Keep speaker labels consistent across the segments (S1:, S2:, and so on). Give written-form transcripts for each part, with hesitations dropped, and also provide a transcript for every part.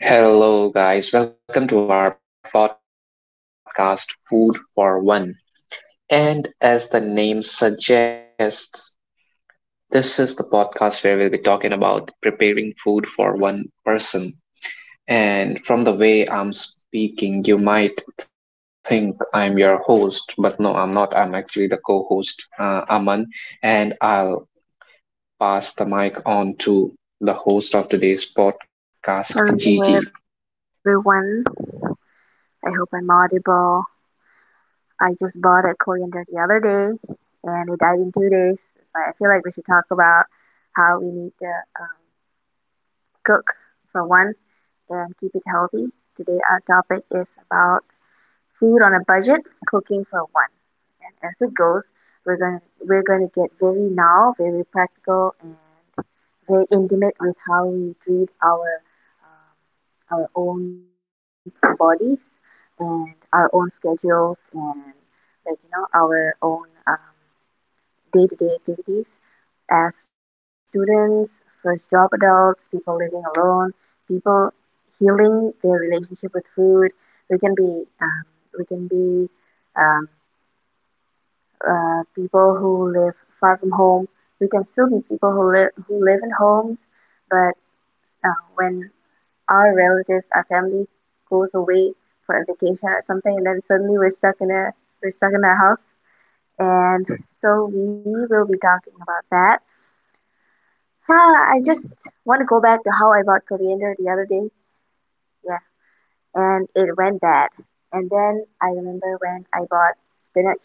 S1: Hello, guys. Welcome to our podcast, Food for One. And as the name suggests, this is the podcast where we'll be talking about preparing food for one person. And from the way I'm speaking, you might think I'm your host, but no, I'm not. I'm actually the co host, Aman. And I'll pass the mic on to the host of today's podcast, Gigi.
S2: Hello everyone. I hope I'm audible. I just bought a coriander the other day and it died in 2 days. So I feel like we should talk about how we need to um, cook for one and keep it healthy. Today our topic is about food on a budget, cooking for one. And as it goes, we're going to get very now, very practical, and very intimate with how we treat our own bodies and our own schedules and like our own um, day-to-day activities as students, first job adults, people living alone, people healing their relationship with food. We can be um, we can be um, people who live far from home. We can still be people who live in homes, but when our relatives, our family goes away for a vacation or something, and then suddenly we're stuck in our house. And so we will be talking about that. I just want to go back to how I bought coriander the other day. Yeah, and it went bad. And then I remember when I bought spinach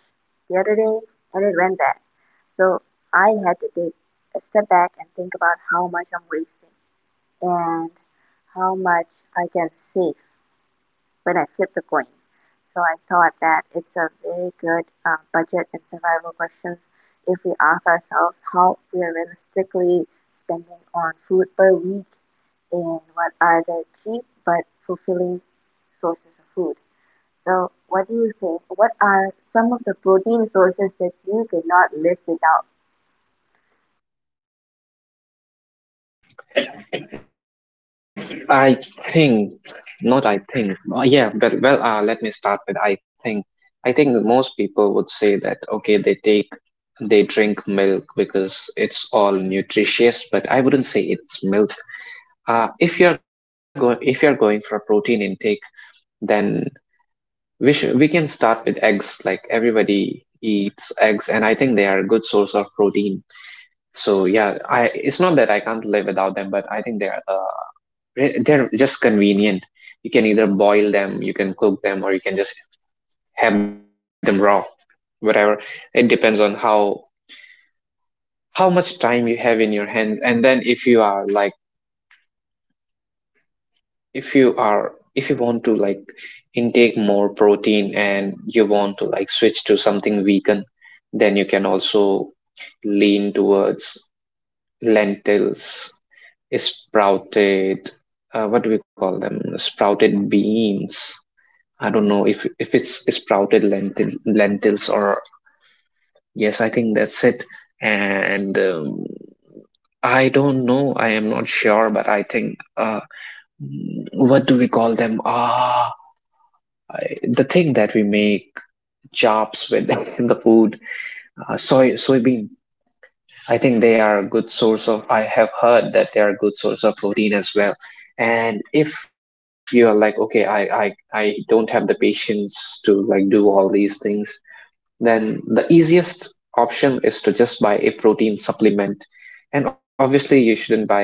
S2: the other day and it went bad. So I had to take a step back and think about how much I'm wasting and how much I can save when I flipped the coin. So I thought that it's a very good budget and survival questions if we ask ourselves how we are realistically spending on food per week and what are the cheap but fulfilling sources of food. So what do you think? What are some of the protein sources that you cannot live without?
S1: I think, not I think. Yeah, well, let me start with I think. I think most people would say that, okay, they take they drink milk because it's all nutritious, but I wouldn't say it's milk. If you're going for a protein intake, then we can start with eggs. Like, everybody eats eggs, and I think they are a good source of protein. So yeah, I it's not that I can't live without them, but I think they're just convenient. You can either boil them, you can cook them, or you can just have them raw. Whatever. It depends on how much time you have in your hands. And then if you are like if you are if you want to like intake more protein and you want to like switch to something vegan, then you can also lean towards lentils, sprouted, what do we call them? Sprouted beans. I don't know if it's sprouted lentils, or yes, I think that's it. And I don't know. I am not sure, but I think, what do we call them? Ah, the thing that we make chops with the food, soybean. I think they are a good source of. I have heard that they are a good source of protein as well. And if you are like, okay, I don't have the patience to like do all these things, then the easiest option is to just buy a protein supplement. And obviously, you shouldn't buy it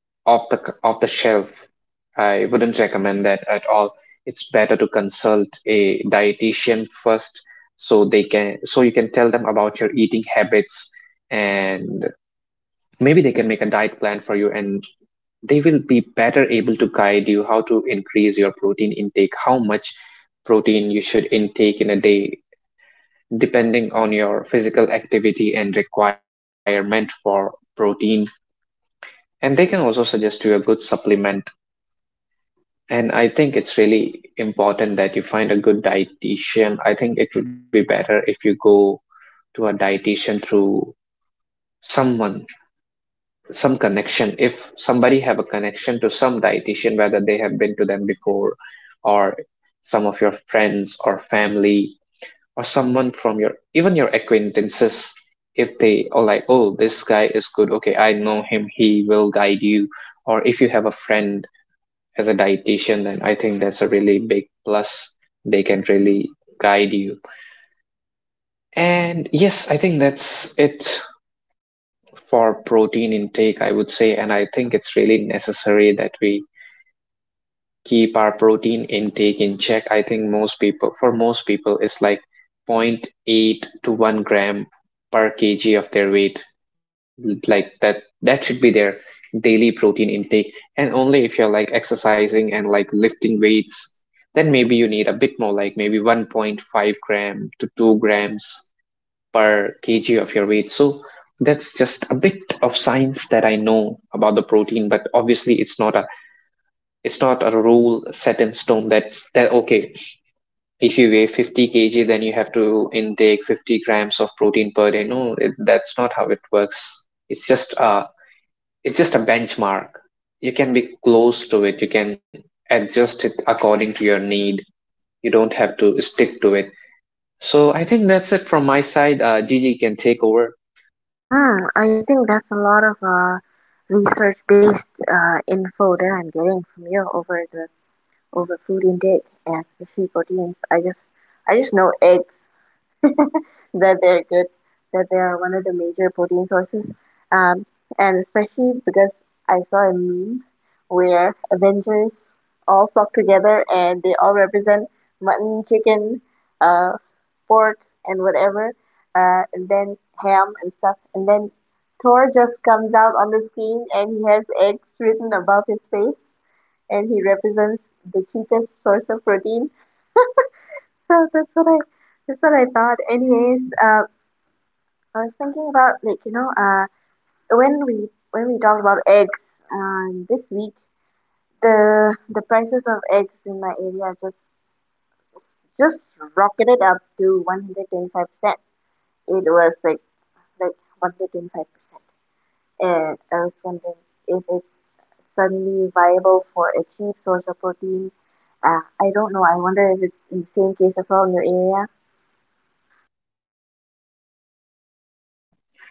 S1: off the shelf. I wouldn't recommend that at all. It's better to consult a dietitian first, so they can so you can tell them about your eating habits, and maybe they can make a diet plan for you, and they will be better able to guide you how to increase your protein intake, how much protein you should intake in a day depending on your physical activity and requirement for protein. And they can also suggest you a good supplement. And I think it's really important that you find a good dietitian. I think it would be better if you go to a dietitian through someone, some connection. If somebody have a connection to some dietitian, whether they have been to them before, or some of your friends or family, or someone from your, even your, acquaintances, if they are like, oh, this guy is good, okay, I know him, he will guide you. Or if you have a friend as a dietitian, then I think that's a really big plus. They can really guide you. And yes, I think that's it for protein intake, I would say. And I think it's really necessary that we keep our protein intake in check. I think, most people for most people, it's like zero point 0.8 to 1 gram per kg of their weight. Like, that should be their daily protein intake. And only if you're like exercising and like lifting weights, then maybe you need a bit more, like maybe 1.5 gram to 2 grams per kg of your weight. So that's just a bit of science that I know about the protein. But obviously, it's not a rule set in stone that, okay, if you weigh 50 kg, then you have to intake 50 grams of protein per day. No, that's not how it works. It's just a it's just a benchmark. You can be close to it. You can adjust it according to your need. You don't have to stick to it. So I think that's it from my side. Gigi can take over.
S2: Hmm, I think that's a lot of research-based info that I'm getting from you over the over food intake and especially proteins. I just know eggs that they're good, that they are one of the major protein sources. Um, and especially because I saw a meme where Avengers all flock together and they all represent mutton, chicken, uh, pork, and whatever, and then ham and stuff, and then Thor just comes out on the screen and he has eggs written above his face and he represents the cheapest source of protein. So that's what I thought. Anyways, I was thinking about like when we talked about eggs this week, the prices of eggs in my area just rocketed up to 125%. It was like 125%. And I was wondering if it's suddenly viable for a cheap source of protein. I don't know. I wonder if it's the same case as well in your area.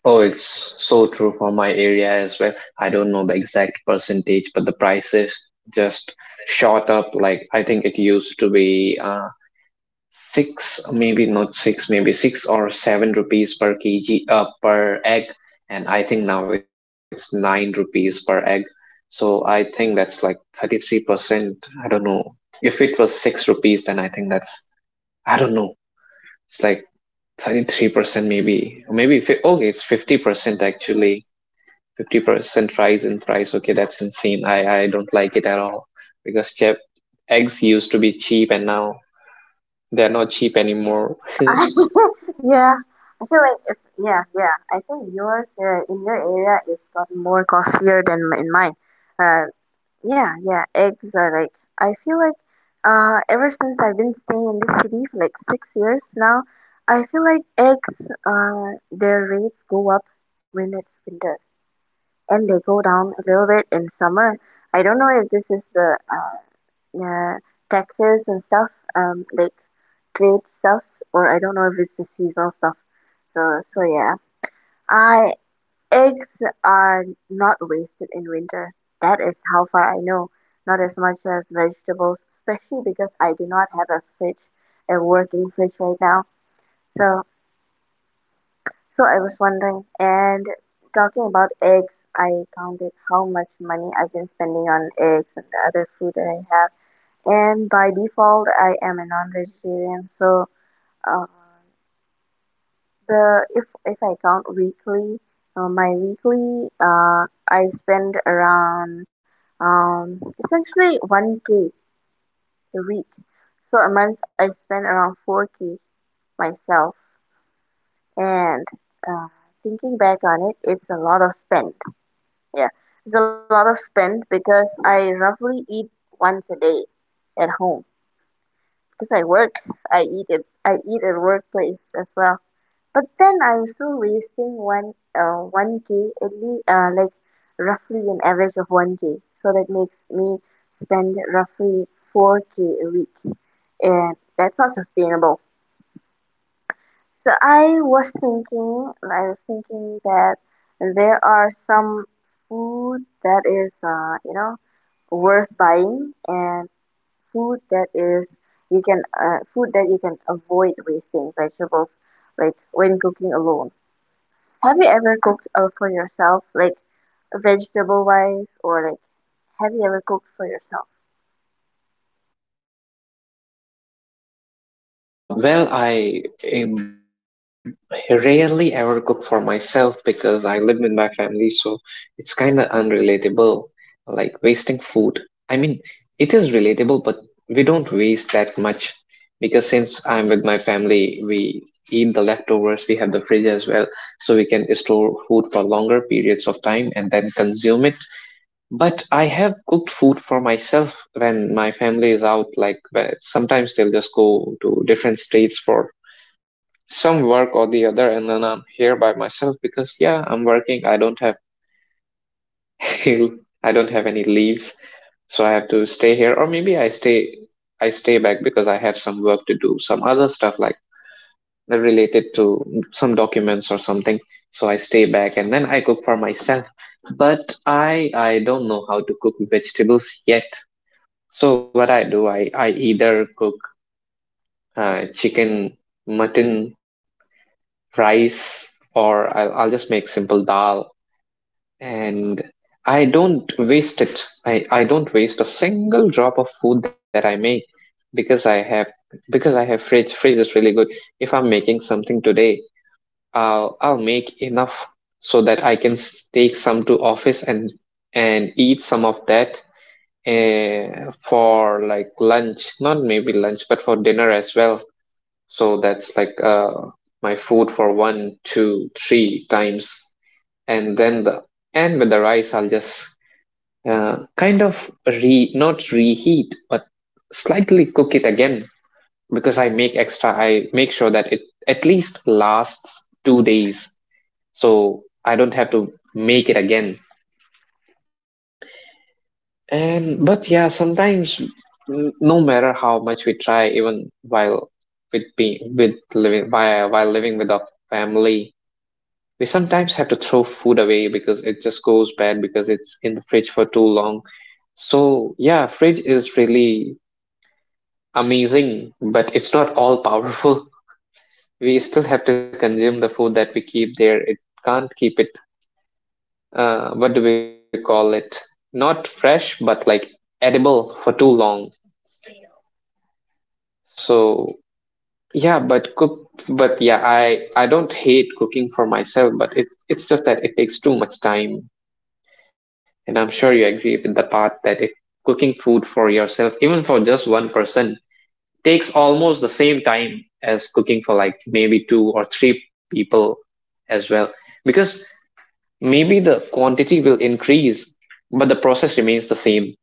S1: Oh, it's so true for my area as well. I don't know the exact percentage, but the prices just shot up. Like, I think it used to be, six, maybe not six, maybe 6 or 7 rupees per kg, per egg. And I think now it's 9 rupees per egg. So I think that's like 33%. I don't know. If it was 6 rupees, then I think that's, I don't know, it's like 33% maybe. Or maybe, okay, it's 50%, actually 50% rise in price. Okay, that's insane. I don't like it at all because chip eggs used to be cheap, and now they're not cheap anymore.
S2: I, yeah, I feel like it's yeah, yeah. I think yours in your area it's got more costlier than in mine. Uh, yeah, yeah. Eggs are like I feel like ever since I've been staying in this city for like 6 years now, I feel like eggs their rates go up when it's winter. And they go down a little bit in summer. I don't know if this is the uh, Texas and stuff, like trade stuff, or I don't know if it's the seasonal stuff. So yeah, I eggs are not wasted in winter. That is how far I know. Not as much as vegetables, especially because I do not have a fridge, a working fridge right now. So So I was wondering, and talking about eggs, I counted how much money I've been spending on eggs and the other food that I have. And by default, I am a non-vegetarian, so uh, the if I count weekly, my weekly I spend around essentially 1K a week. So a month I spend around 4K myself, and uh, thinking back on it, it's a lot of spend. Yeah, it's a lot of spend because I roughly eat once a day at home. Because I work, I eat at workplace as well. But then I'm still wasting one k at least like roughly an average of one k. So that makes me spend roughly four k a week, and that's not sustainable. So I was thinking that there are some food that is worth buying, and food that is food that you can avoid wasting vegetables like when cooking alone. Have you ever cooked for yourself, like vegetable wise, or like, have you ever cooked for yourself?
S1: Well, I um, rarely ever cook for myself because I live with my family, so it's kind of unrelatable, like wasting food. I mean, it is relatable, but we don't waste that much because since I'm with my family, we eat the leftovers. We have the fridge as well, so we can store food for longer periods of time and then consume it. But I have cooked food for myself when my family is out. Like, where sometimes they'll just go to different states for some work or the other, and then I'm here by myself because, yeah, I'm working. I don't have I don't have any leaves, so I have to stay here. Or maybe I stay back because I have some work to do, some other stuff like related to some documents or something. So I stay back, and then I cook for myself. But I don't know how to cook vegetables yet. So what I do, I either cook, chicken, mutton, rice. Or I'll just make simple dal, and I don't waste it. I don't waste a single drop of food that I make because I have fridge. Fridge is really good. If I'm making something today, I'll make enough so that I can take some to office, and eat some of that, eh, for like lunch, not maybe lunch, but for dinner as well. So that's like, my food for one, two, three times. And then the and with the rice, I'll just, kind of, re not reheat, but slightly cook it again, because I make extra. I make sure that it at least lasts 2 days, so I don't have to make it again. And, but yeah, sometimes no matter how much we try, even while with being with living, while living with our family, we sometimes have to throw food away because it just goes bad because it's in the fridge for too long. So yeah, fridge is really amazing, but it's not all powerful. We still have to consume the food that we keep there. It can't keep it. What do we call it? Not fresh, but like edible for too long. So yeah, but yeah, I don't hate cooking for myself, but it's just that it takes too much time, and I'm sure you agree with the part that it cooking food for yourself, even for just one person, takes almost the same time as cooking for like maybe two or three people as well, because maybe the quantity will increase, but the process remains the same.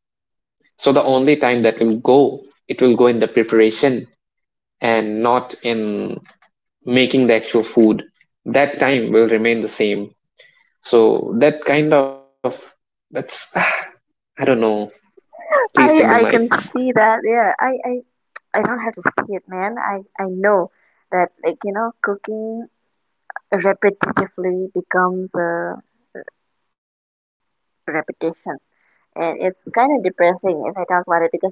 S1: So the only time that will go, it will go in the preparation and not in making the actual food. That time will remain the same. So that's I don't know. Please take the
S2: I
S1: mic.
S2: can see that, yeah. I don't have to see it, man. I know that like cooking repetitively becomes a repetition, and it's kind of depressing if I talk about it because I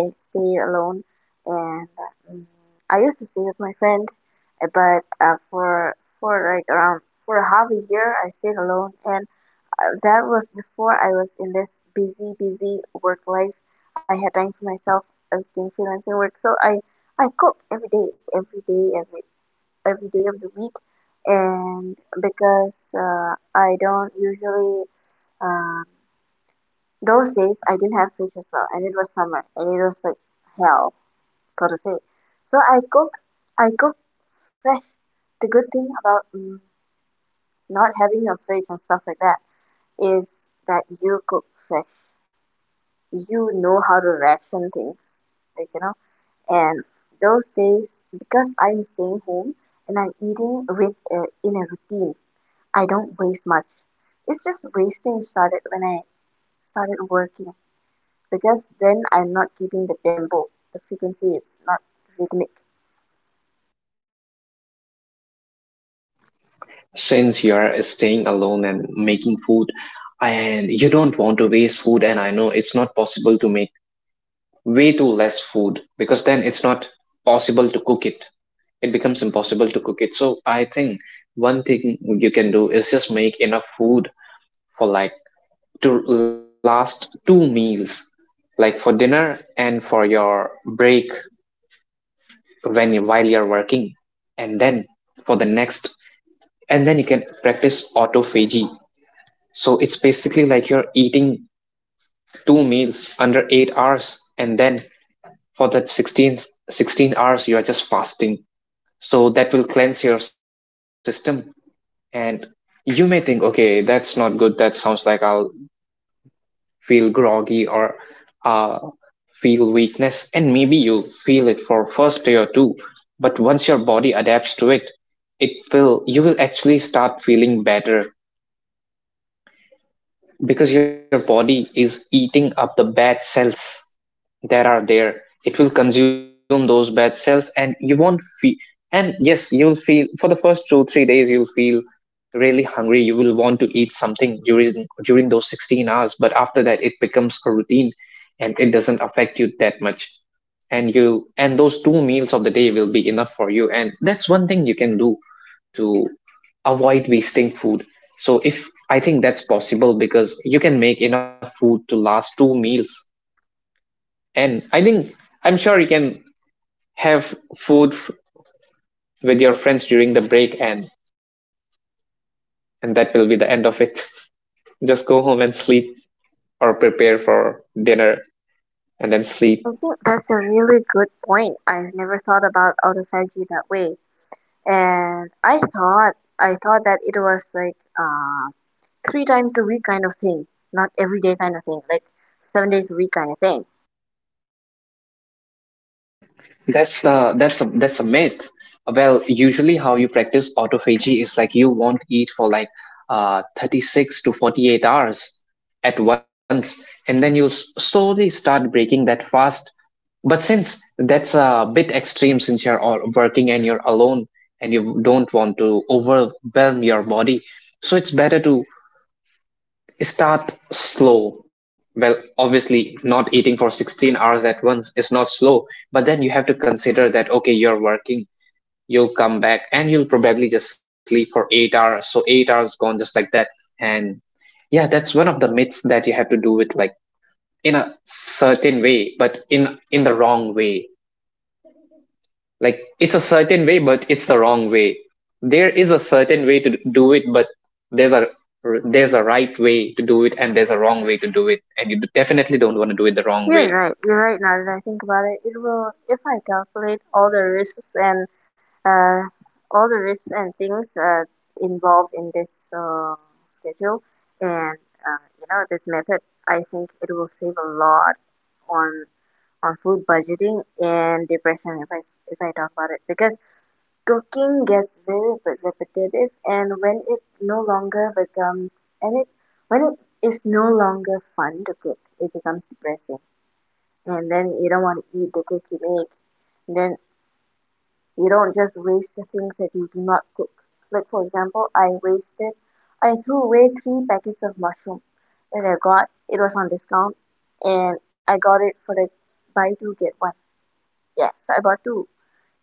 S2: stay alone. And mm, I used to stay with my friend, but for like around for a half a year I stayed alone, and that was before I was in this busy busy work life. I had time for myself. I was doing freelancing work, so I cook every day, every day, every day of the week, and because I don't usually, um those days I didn't have fridge as well, and it was summer and it was like hell for to say. So I cook fresh. The good thing about not having a fridge and stuff like that is that you cook fresh, you know how to ration things, like you know and those days, because I'm staying home and I'm eating in a routine, I don't waste much. It's just wasting started when I started working because then I'm not keeping the tempo. The frequency is not rhythmic.
S1: Since you are staying alone and making food, and you don't want to waste food, and I know it's not possible to make way too less food, because then it's not possible to cook it. It becomes impossible to cook it. So I think one thing you can do is just make enough food for like to last two meals, like for dinner and for your break while you're working, and then for the next, and then you can practice autophagy. So it's basically like you're eating two meals under 8 hours, and then for the sixteen hours, you are just fasting. So that will cleanse your system. And you may think, okay, that's not good. That sounds like I'll feel groggy or uh, feel weakness. And maybe you feel it for first day or two, but once your body adapts to it, it will you will actually start feeling better because your body is eating up the bad cells that are there. It will consume those bad cells and you won't feel, and yes, you'll feel for the first 2 3 days. You'll feel really hungry, you will want to eat something during those 16 hours, but after that it becomes a routine and it doesn't affect you that much. And you and those two meals of the day will be enough for you, and that's one thing you can do to avoid wasting food. So if I think that's possible because you can make enough food to last two meals. And I think I'm sure you can have with your friends during the break, and that will be the end of it. Just go home and sleep, or prepare for dinner and then
S2: I
S1: sleep.
S2: think that's a really good point. I've never thought about autophagy that way. And I thought that it was like three times a week kind of thing, not every day kind of thing, like 7 days a week kind of thing.
S1: That's a myth. Well, usually how you practice autophagy is like you won't eat for like 36 to 48 hours at once, and then you slowly start breaking that fast. But since that's a bit extreme, since you're all working and you're alone and you don't want to overwhelm your body, so it's better to start slow. Well, obviously, not eating for 16 hours at once is not slow, but then you have to consider that, okay, you're working, you'll come back and you'll probably just sleep for 8 hours. So, 8 hours gone just like that. And yeah, that's one of the myths, that you have to do with like in a certain way, but in the wrong way. Like it's a certain way but it's the wrong way. There is a certain way to do it, but there's a there's a right way to do it and there's a wrong way to do it, and you definitely don't want to do it the wrong
S2: You're
S1: way.
S2: right. You're right. Now that I think about it, it will. If I calculate all the risks and uh, things involved in this schedule and this method, I think it will save a lot on on food budgeting and depression. If I talk about it, because cooking gets very repetitive, and and it when it is no longer fun to cook, it becomes depressing, and then you don't want to eat the cake you make. And then you don't just waste the things that you do not cook, like for example I threw away three packets of mushroom that I got. It was on discount and I got it for the buy two get one. Yeah, so I bought two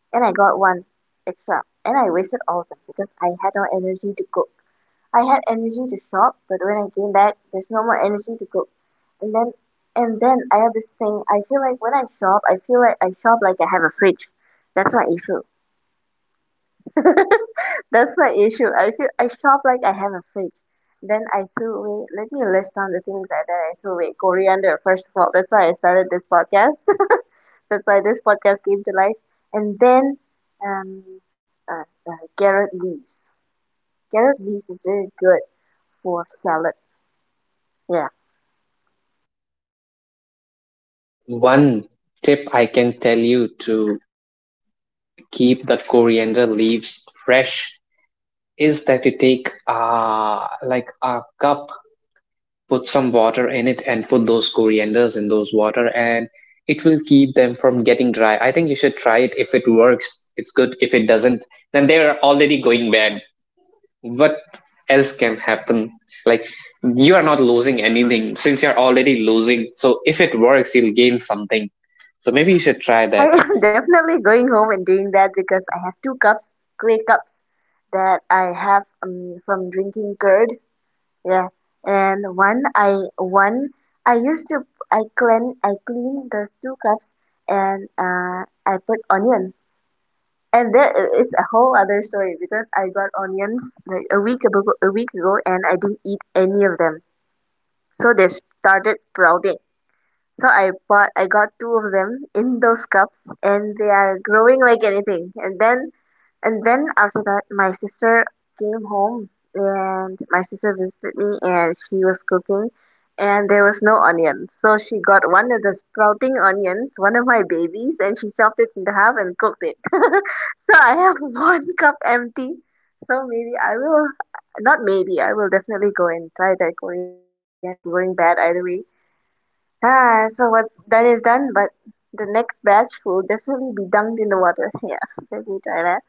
S2: and I got one extra, and I wasted all of them because I had no energy to cook. I had energy to shop, but when I came back, there's no more energy to cook. And then I have this thing. I feel like when I shop, I feel like I shop like I have a fridge. That's my issue. That's my issue. I feel I shop like I have a fridge. Then I threw away. Let me list down the things that I threw away. Coriander, first of all. That's why I started this podcast. That's why this podcast came to life. And then, um, uh, carrot leaves. Carrot leaves is very good for salad. Yeah.
S1: One tip I can tell you to keep the coriander leaves fresh is that you take like a cup, put some water in it, and put those corianders in those water, and it will keep them from getting dry. I think you should try it. If it works, it's good. If it doesn't, then they're already going bad. What else can happen? Like, you are not losing anything since you're already losing, so if it works you'll gain something. So maybe you should try that.
S2: I am definitely going home and doing that because I have two cups, clay cups that I have from drinking curd. Yeah, and one I used to I clean those two cups and I put onion. And there is a whole other story because I got onions like a week ago, and I didn't eat any of them. So they started sprouting. So I got two of them in those cups and they are growing like anything. And then after that my sister came home, and my sister visited me and she was cooking and there was no onion. So she got one of the sprouting onions, one of my babies, and she chopped it into half and cooked it. So I have one cup empty. So maybe I will, not maybe, I will definitely go and try that coriander trick. It's going bad either way. So what's done is done, but the next batch will definitely be dunked in the water. Yeah, let me try that.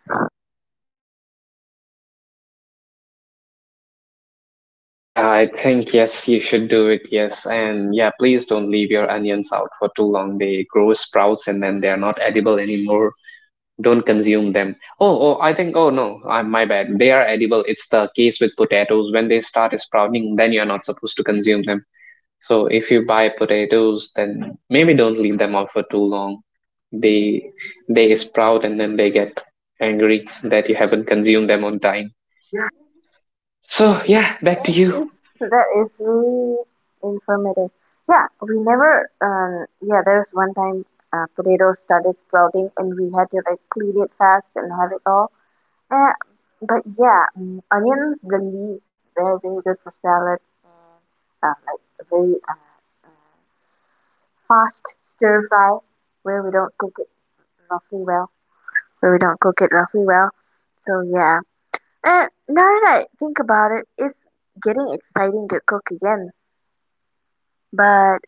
S1: Yeah, I think, yes, you should do it. Yes. And yeah, please don't leave your onions out for too long. They grow sprouts and then they're not edible anymore. Don't consume them. Oh. Oh, I think, oh no, I, my bad, they are edible. It's the case with potatoes. When they start sprouting, then you're not supposed to consume them. So if you buy potatoes, then maybe don't leave them out for too long. they they sprout and then they get angry that you haven't consumed them on time. So yeah, back to
S2: That
S1: you.
S2: is that is really informative. Yeah, we never. Yeah, there was one time potatoes started sprouting, and we had to like clean it fast and have it all. Uh, but yeah, onions, the leaves, they're very good for salad. Like very fast stir fry, where we don't cook it roughly well. Where we don't cook it roughly well. So yeah. And now that I think about it, it's getting exciting to cook again. But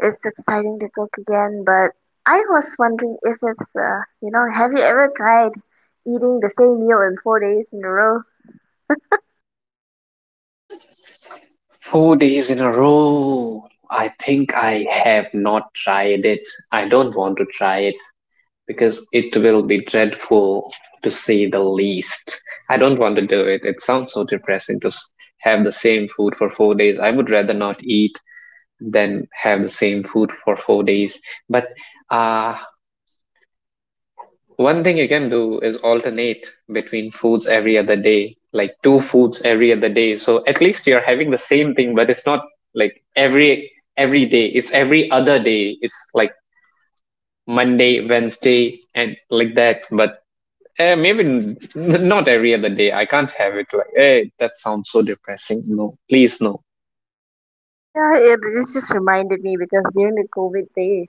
S2: it's exciting to cook again. But I was wondering if it's you know, have you ever tried eating the same meal in 4 days in a row?
S1: 4 days in a row. I think I have not tried it. I don't want to try it because it will be dreadful, to say the least. I don't want to do it. It sounds so depressing to have the same food for 4 days. I would rather not eat than have the same food for 4 days. But uh, one thing you can do is alternate between foods every other day, like two foods every other day. So at least you're having the same thing, but it's not like every day. It's every other day. It's like Monday, Wednesday, and like that. But uh, maybe not every other day. I can't have it like, hey, that sounds so depressing. No, please, no.
S2: Yeah, it just reminded me because during the COVID days,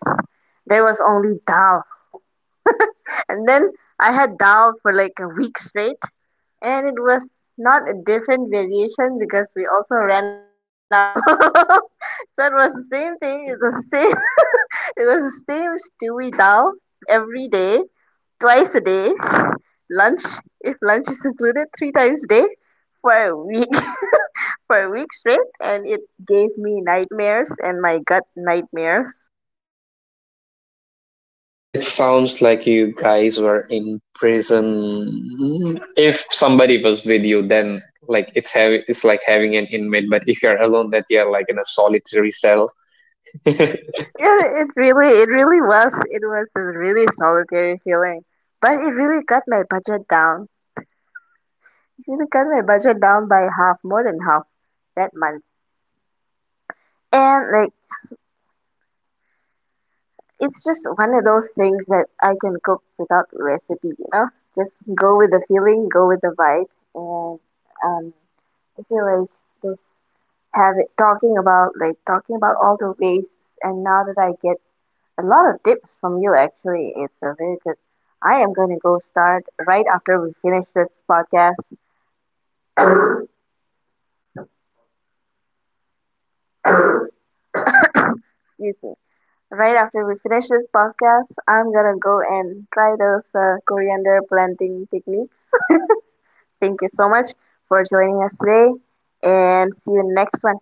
S2: there was only dal, and then I had dal for like a week straight. And it was not a different variation because we also ran out of oil. So it was the same thing. It was the same. It was the same stewy dal every day, twice a day. Lunch, if lunch is included, three times a day for a week, for a week straight, and it gave me nightmares and my gut nightmares.
S1: It sounds like you guys were in prison. If somebody was with you, then it's like having an inmate. But if you're alone, that you're like in a solitary cell.
S2: Yeah, it really was. It was a really solitary feeling, but it really got my budget down. You cut my budget down by half, more than half that month. And like it's just one of those things that I can cook without recipe, you know? Just go with the feeling, go with the vibe, and um I feel like this have it talking about all the ways, and now that I get a lot of tips from you, actually, it's a very good. I am gonna go start right after we finish this podcast. Excuse me. Right after we finish this podcast, I'm gonna go and try those coriander planting techniques. Thank you so much for joining us today, and see you next one.